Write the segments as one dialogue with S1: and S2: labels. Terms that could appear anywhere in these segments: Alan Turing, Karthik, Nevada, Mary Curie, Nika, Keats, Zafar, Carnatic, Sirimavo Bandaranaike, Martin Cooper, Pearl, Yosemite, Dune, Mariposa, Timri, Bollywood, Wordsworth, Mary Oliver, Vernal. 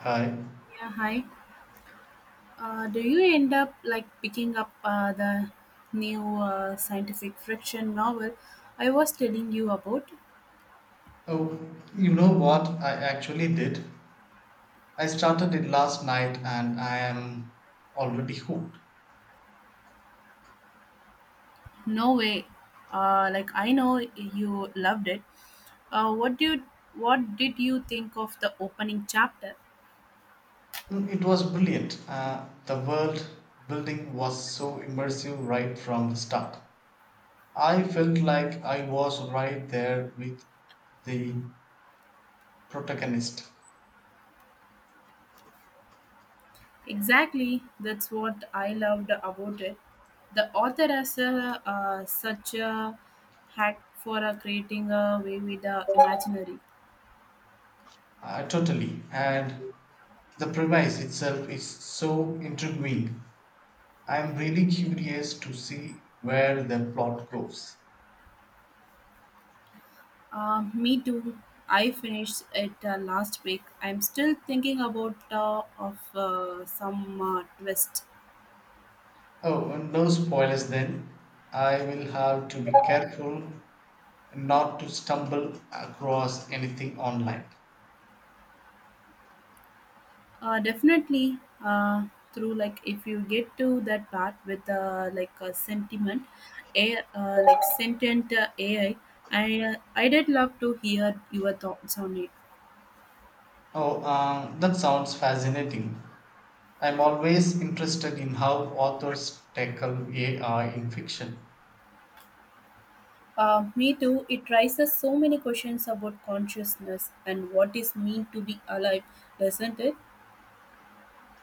S1: Hi.
S2: Yeah, hi. Do you end up like picking up the new scientific fiction novel I was telling you about?
S1: Oh, you know what I actually did? I started it last night and I am already hooked.
S2: No way. Like I know you loved it. Uh, what do you, what did you think of the opening chapter?
S1: It was brilliant. The world building was so immersive right from the start. I felt like I was right there with the protagonist.
S2: Exactly, that's what I loved about it. The author has a, such a hack for creating a way with the imaginary.
S1: Totally. And the premise itself is so intriguing. I am really curious to see where the plot goes.
S2: Me too. I finished it last week. I'm still thinking about of some twist.
S1: Oh, and no spoilers then. I will have to be careful not to stumble across anything online.
S2: Definitely, uh, through like if you get to that part with like a sentiment, a like sentient AI. I did love to hear your thoughts on it.
S1: Oh, that sounds fascinating. I'm always interested in how authors tackle AI in fiction.
S2: Me too. It raises so many questions about consciousness and what is mean to be alive, doesn't it?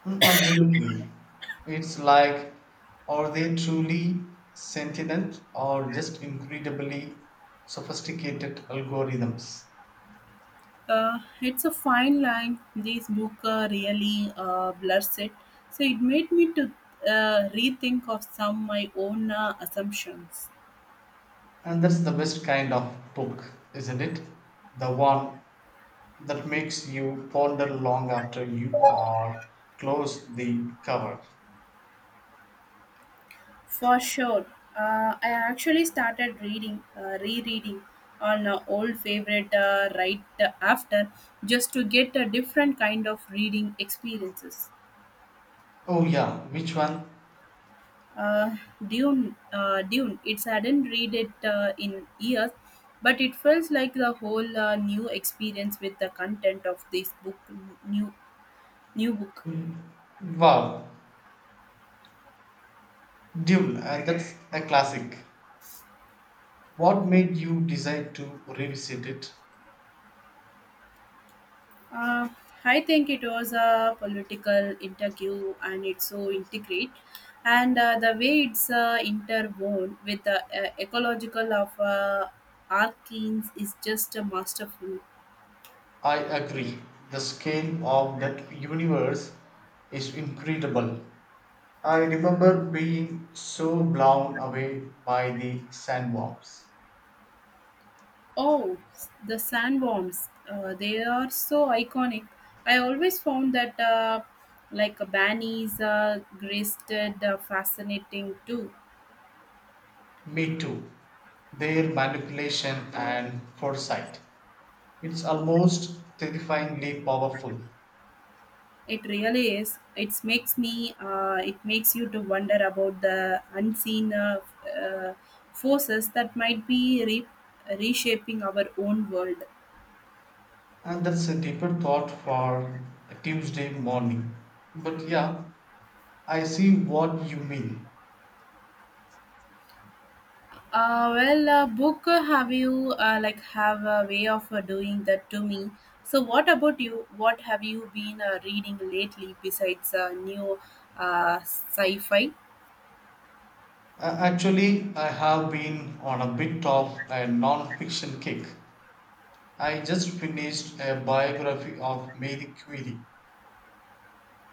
S1: Mm, absolutely. It's like, are they truly sentient or just incredibly sophisticated algorithms?
S2: It's a fine line. This book really blurs it. So it made me to rethink of some my own assumptions.
S1: And that's the best kind of book, isn't it? The one that makes you ponder long after you are close the cover.
S2: For sure, I actually started reading, rereading on old favorite right after, just to get a different kind of reading experiences.
S1: Oh yeah, which one?
S2: uh, Dune. Dune. It's hadn't read it in years, but it feels like the whole new experience with the content of this book, new new book.
S1: Wow, Dune, and that's a classic. What made you decide to revisit it?
S2: Uh, I think it was a political interview, and it's so integrate, and the way it's interwoven with the ecological of arcanes is just a masterful.
S1: I agree. The scale of that universe is incredible. I remember being so blown away by the sandworms.
S2: Oh, the sandworms. They are so iconic. I always found that like a Banny's gristed fascinating too.
S1: Me too. Their manipulation and foresight. It's almost terrifyingly powerful.
S2: It really is. It makes me. It makes you to wonder about the unseen uh, forces that might be reshaping our own world.
S1: And that's a deeper thought for a Tuesday morning. But yeah, I see what you mean.
S2: Well, book, have you like have a way of doing that to me? So, what about you? What have you been reading lately besides new sci-fi?
S1: Actually, I have been on a bit of a non fiction kick. I just finished a biography of Mary Curie.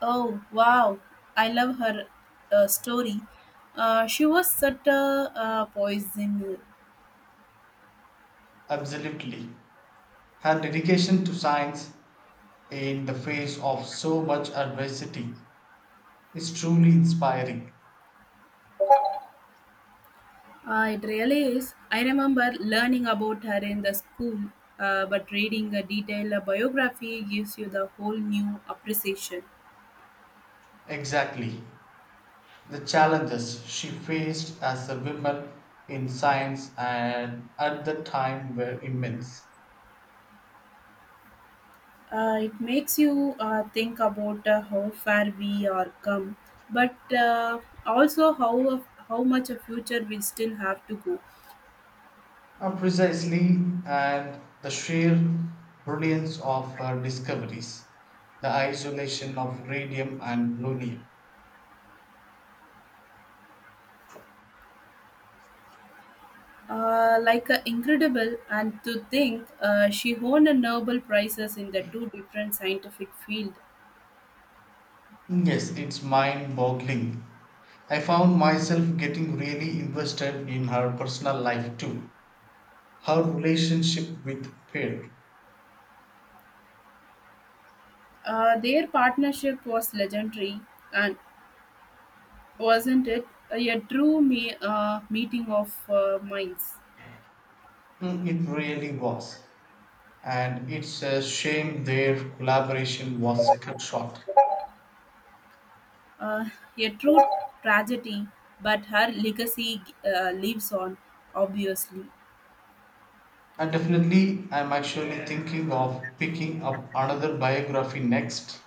S2: Oh, wow! I love her story. She was such a poison.
S1: Absolutely. Her dedication to science in the face of so much adversity is truly inspiring.
S2: It really is. I remember learning about her in the school, but reading a detailed biography gives you the whole new appreciation.
S1: Exactly. The challenges she faced as a woman in science and at the time were immense.
S2: It makes you think about how far we are come, but also how much a future we still have to go.
S1: Precisely, and the sheer brilliance of her discoveries, the isolation of radium and polonium.
S2: Like, incredible, and to think she won a Nobel prizes in the two different scientific field.
S1: Yes, it's mind boggling. I found myself getting really invested in her personal life too. Her relationship with Pearl.
S2: Their partnership was legendary, and wasn't it a true meeting of minds?
S1: Mm, It really was. And it's a shame their collaboration was cut short.
S2: Uh, a true tragedy, but her legacy lives on, obviously.
S1: And definitely, I'm actually thinking of picking up another biography next.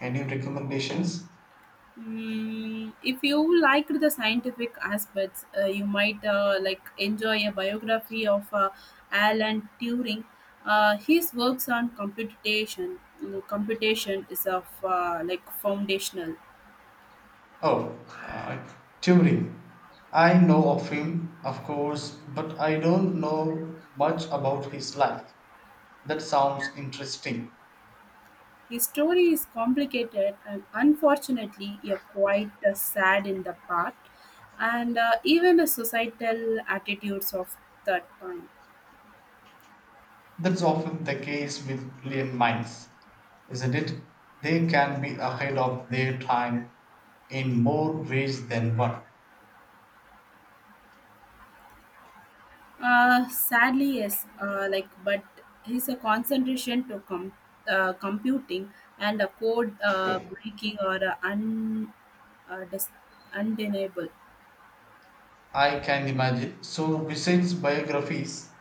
S1: Any recommendations?
S2: Mm, if you liked the scientific aspects, you might like enjoy a biography of Alan Turing. His works on computation, computation is of like foundational.
S1: Oh, uh, Timri. I know of him, of course, but I don't know much about his life. That sounds interesting.
S2: His story is complicated and unfortunately a quite sad in the part, and even the societal attitudes of that time.
S1: That's often the case with brilliant minds, isn't it? They can be ahead of their time in more ways than one.
S2: Sadly, yes, like but his a concentration to computing and a code breaking or uh, dis- undeniable.
S1: I can imagine. So, besides biographies,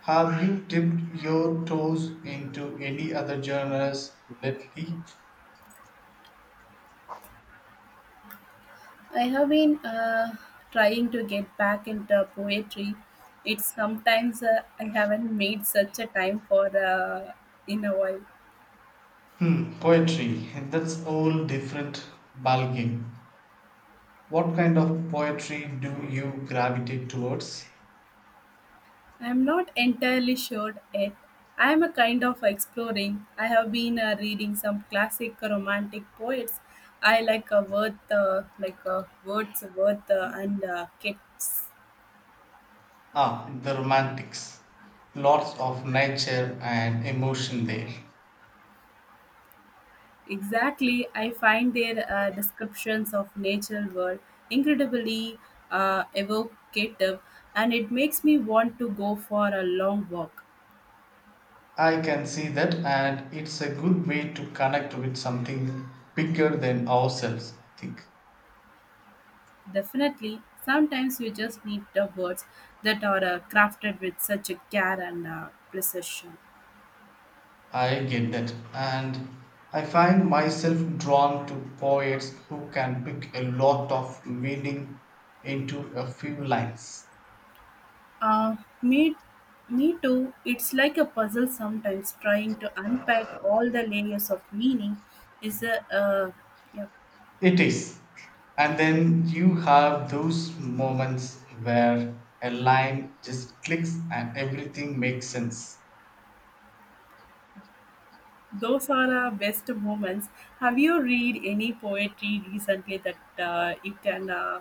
S1: have you dipped your toes into any other genres lately?
S2: I have been trying to get back into poetry. It's sometimes I haven't made such a time for in a while.
S1: Hmm, poetry. That's all different ballgame. What kind of poetry do you gravitate towards?
S2: I'm not entirely sure yet. I am a kind of exploring. I have been reading some classic romantic poets. I like Wordsworth and Keats.
S1: Ah, the romantics. Lots of nature and emotion there.
S2: Exactly, I find their descriptions of natural world incredibly evocative, and it makes me want to go for a long walk.
S1: I can see that, and it's a good way to connect with something bigger than ourselves, I think.
S2: Definitely, sometimes you just need the words that are crafted with such a care and precision.
S1: I get that, and I find myself drawn to poets who can pick a lot of meaning into a few lines.
S2: Uh, me, me too. It's like a puzzle sometimes. Trying to unpack all the layers of meaning is a yeah.
S1: It is. And then you have those moments where a line just clicks and everything makes sense.
S2: Those are our best moments. Have you read any poetry recently that you can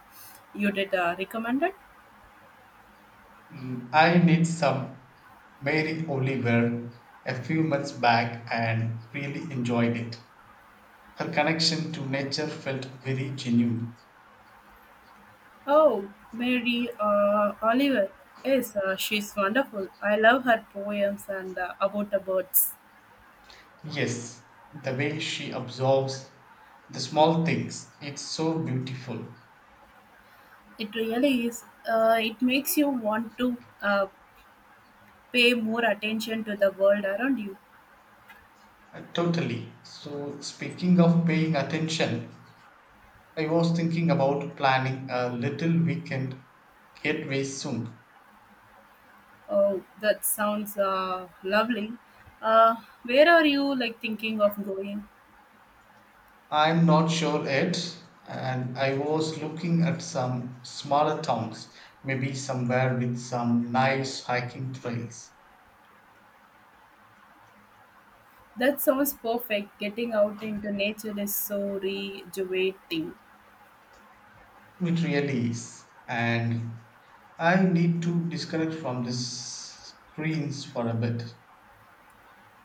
S2: you did recommended?
S1: I need some Mary Oliver a few months back and really enjoyed it. Her connection to nature felt very genuine.
S2: Oh, Mary Oliver. Yes, she's wonderful. I love her poems and about the birds.
S1: Yes, the way she absorbs the small things, it's so beautiful.
S2: It really is. It makes you want to uh, pay more attention to the world around you.
S1: Totally. So, speaking of paying attention, I was thinking about planning a little weekend getaway soon.
S2: Oh, that sounds lovely. Uh, where are you like thinking of going?
S1: I'm not sure yet, and I was looking at some smaller towns, maybe somewhere with some nice hiking trails.
S2: That sounds perfect. Getting out into nature is so rejuvenating.
S1: It really is. And I need to disconnect from the screens for a bit.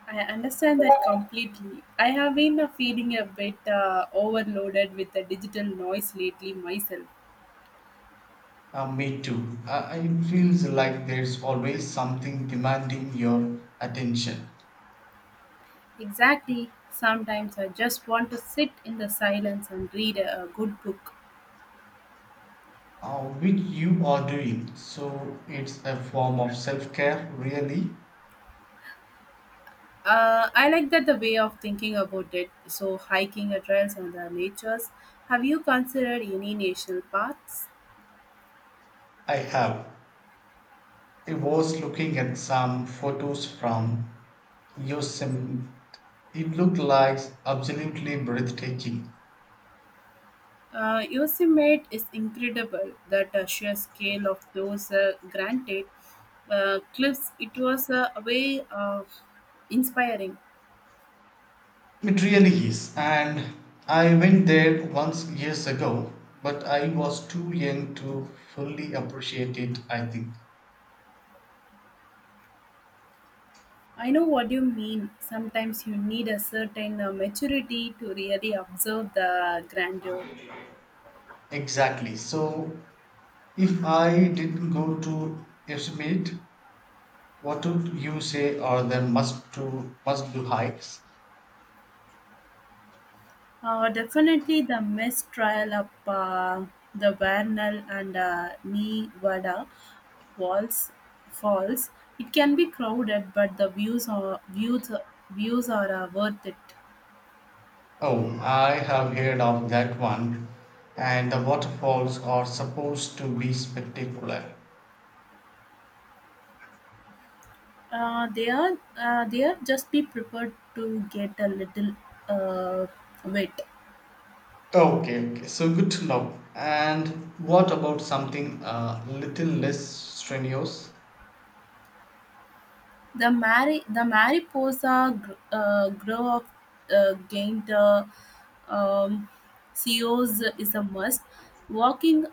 S2: I understand that completely. I have been feeling a bit overloaded with the digital noise lately myself.
S1: Me too. It feels like there's always something demanding your attention.
S2: Exactly. Sometimes I just want to sit in the silence and read a good book.
S1: Which you are doing. So it's a form of self care, really.
S2: I like that the way of thinking about it. So hiking a trails and the natures. Have you considered any national paths?
S1: I have. I was looking at some photos from Yosemite. It looked like absolutely breathtaking.
S2: Yosemite is incredible. That sheer scale of those granite cliffs, it was a way of inspiring.
S1: It really is. And I went there once years ago, but I was too young to fully appreciate it, I think.
S2: I know what you mean. Sometimes you need a certain maturity to really observe the grandeur.
S1: Exactly. So if I didn't go to Yosemite, what would you say are the must do hikes?
S2: Definitely the mistrial up, the Vernal and Nevada walls falls. It can be crowded, but the views are views views are worth it.
S1: Oh, I have heard of that one, and the waterfalls are supposed to be spectacular.
S2: They are, they are, just be prepared to get a little uh, wet.
S1: Okay, okay, so good to know. And what about something a little less strenuous?
S2: The mariposa grow of gained, um, CEOs is a must. Walking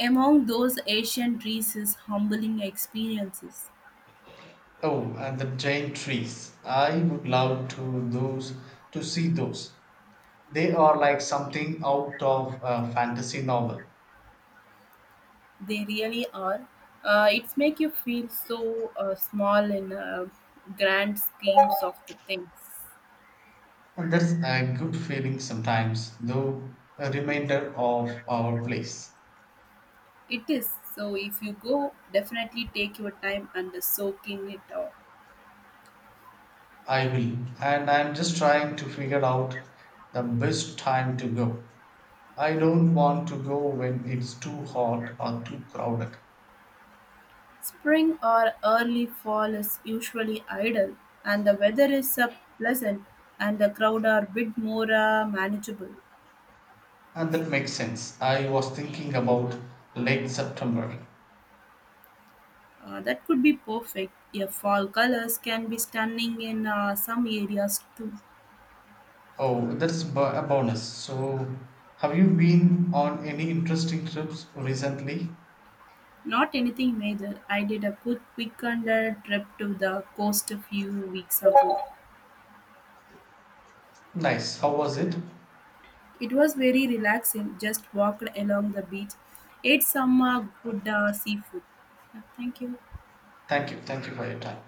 S2: among those Asian trees is humbling experiences.
S1: Oh, and the giant trees. I would love to those to see those. They are like something out of a fantasy novel.
S2: They really are. It's make you feel so small in grand schemes of the things.
S1: And that's a good feeling sometimes, though a reminder of our place.
S2: It is. So if you go, definitely take your time and soaking it up.
S1: I will, and I'm just trying to figure out the best time to go. I don't want to go when it's too hot or too crowded.
S2: Spring or early fall is usually idle, and the weather is pleasant, and the crowd are bit more manageable.
S1: And that makes sense. I was thinking about late September.
S2: That could be perfect. Your fall colors can be stunning in some areas too.
S1: Oh, that's a bonus. So, have you been on any interesting trips recently?
S2: Not anything major. I did a quick and trip to the coast a few weeks ago.
S1: Nice. How was it?
S2: It was very relaxing, just walked along the beach, ate some good seafood. Yeah, thank you.
S1: Thank you. Thank you for your time.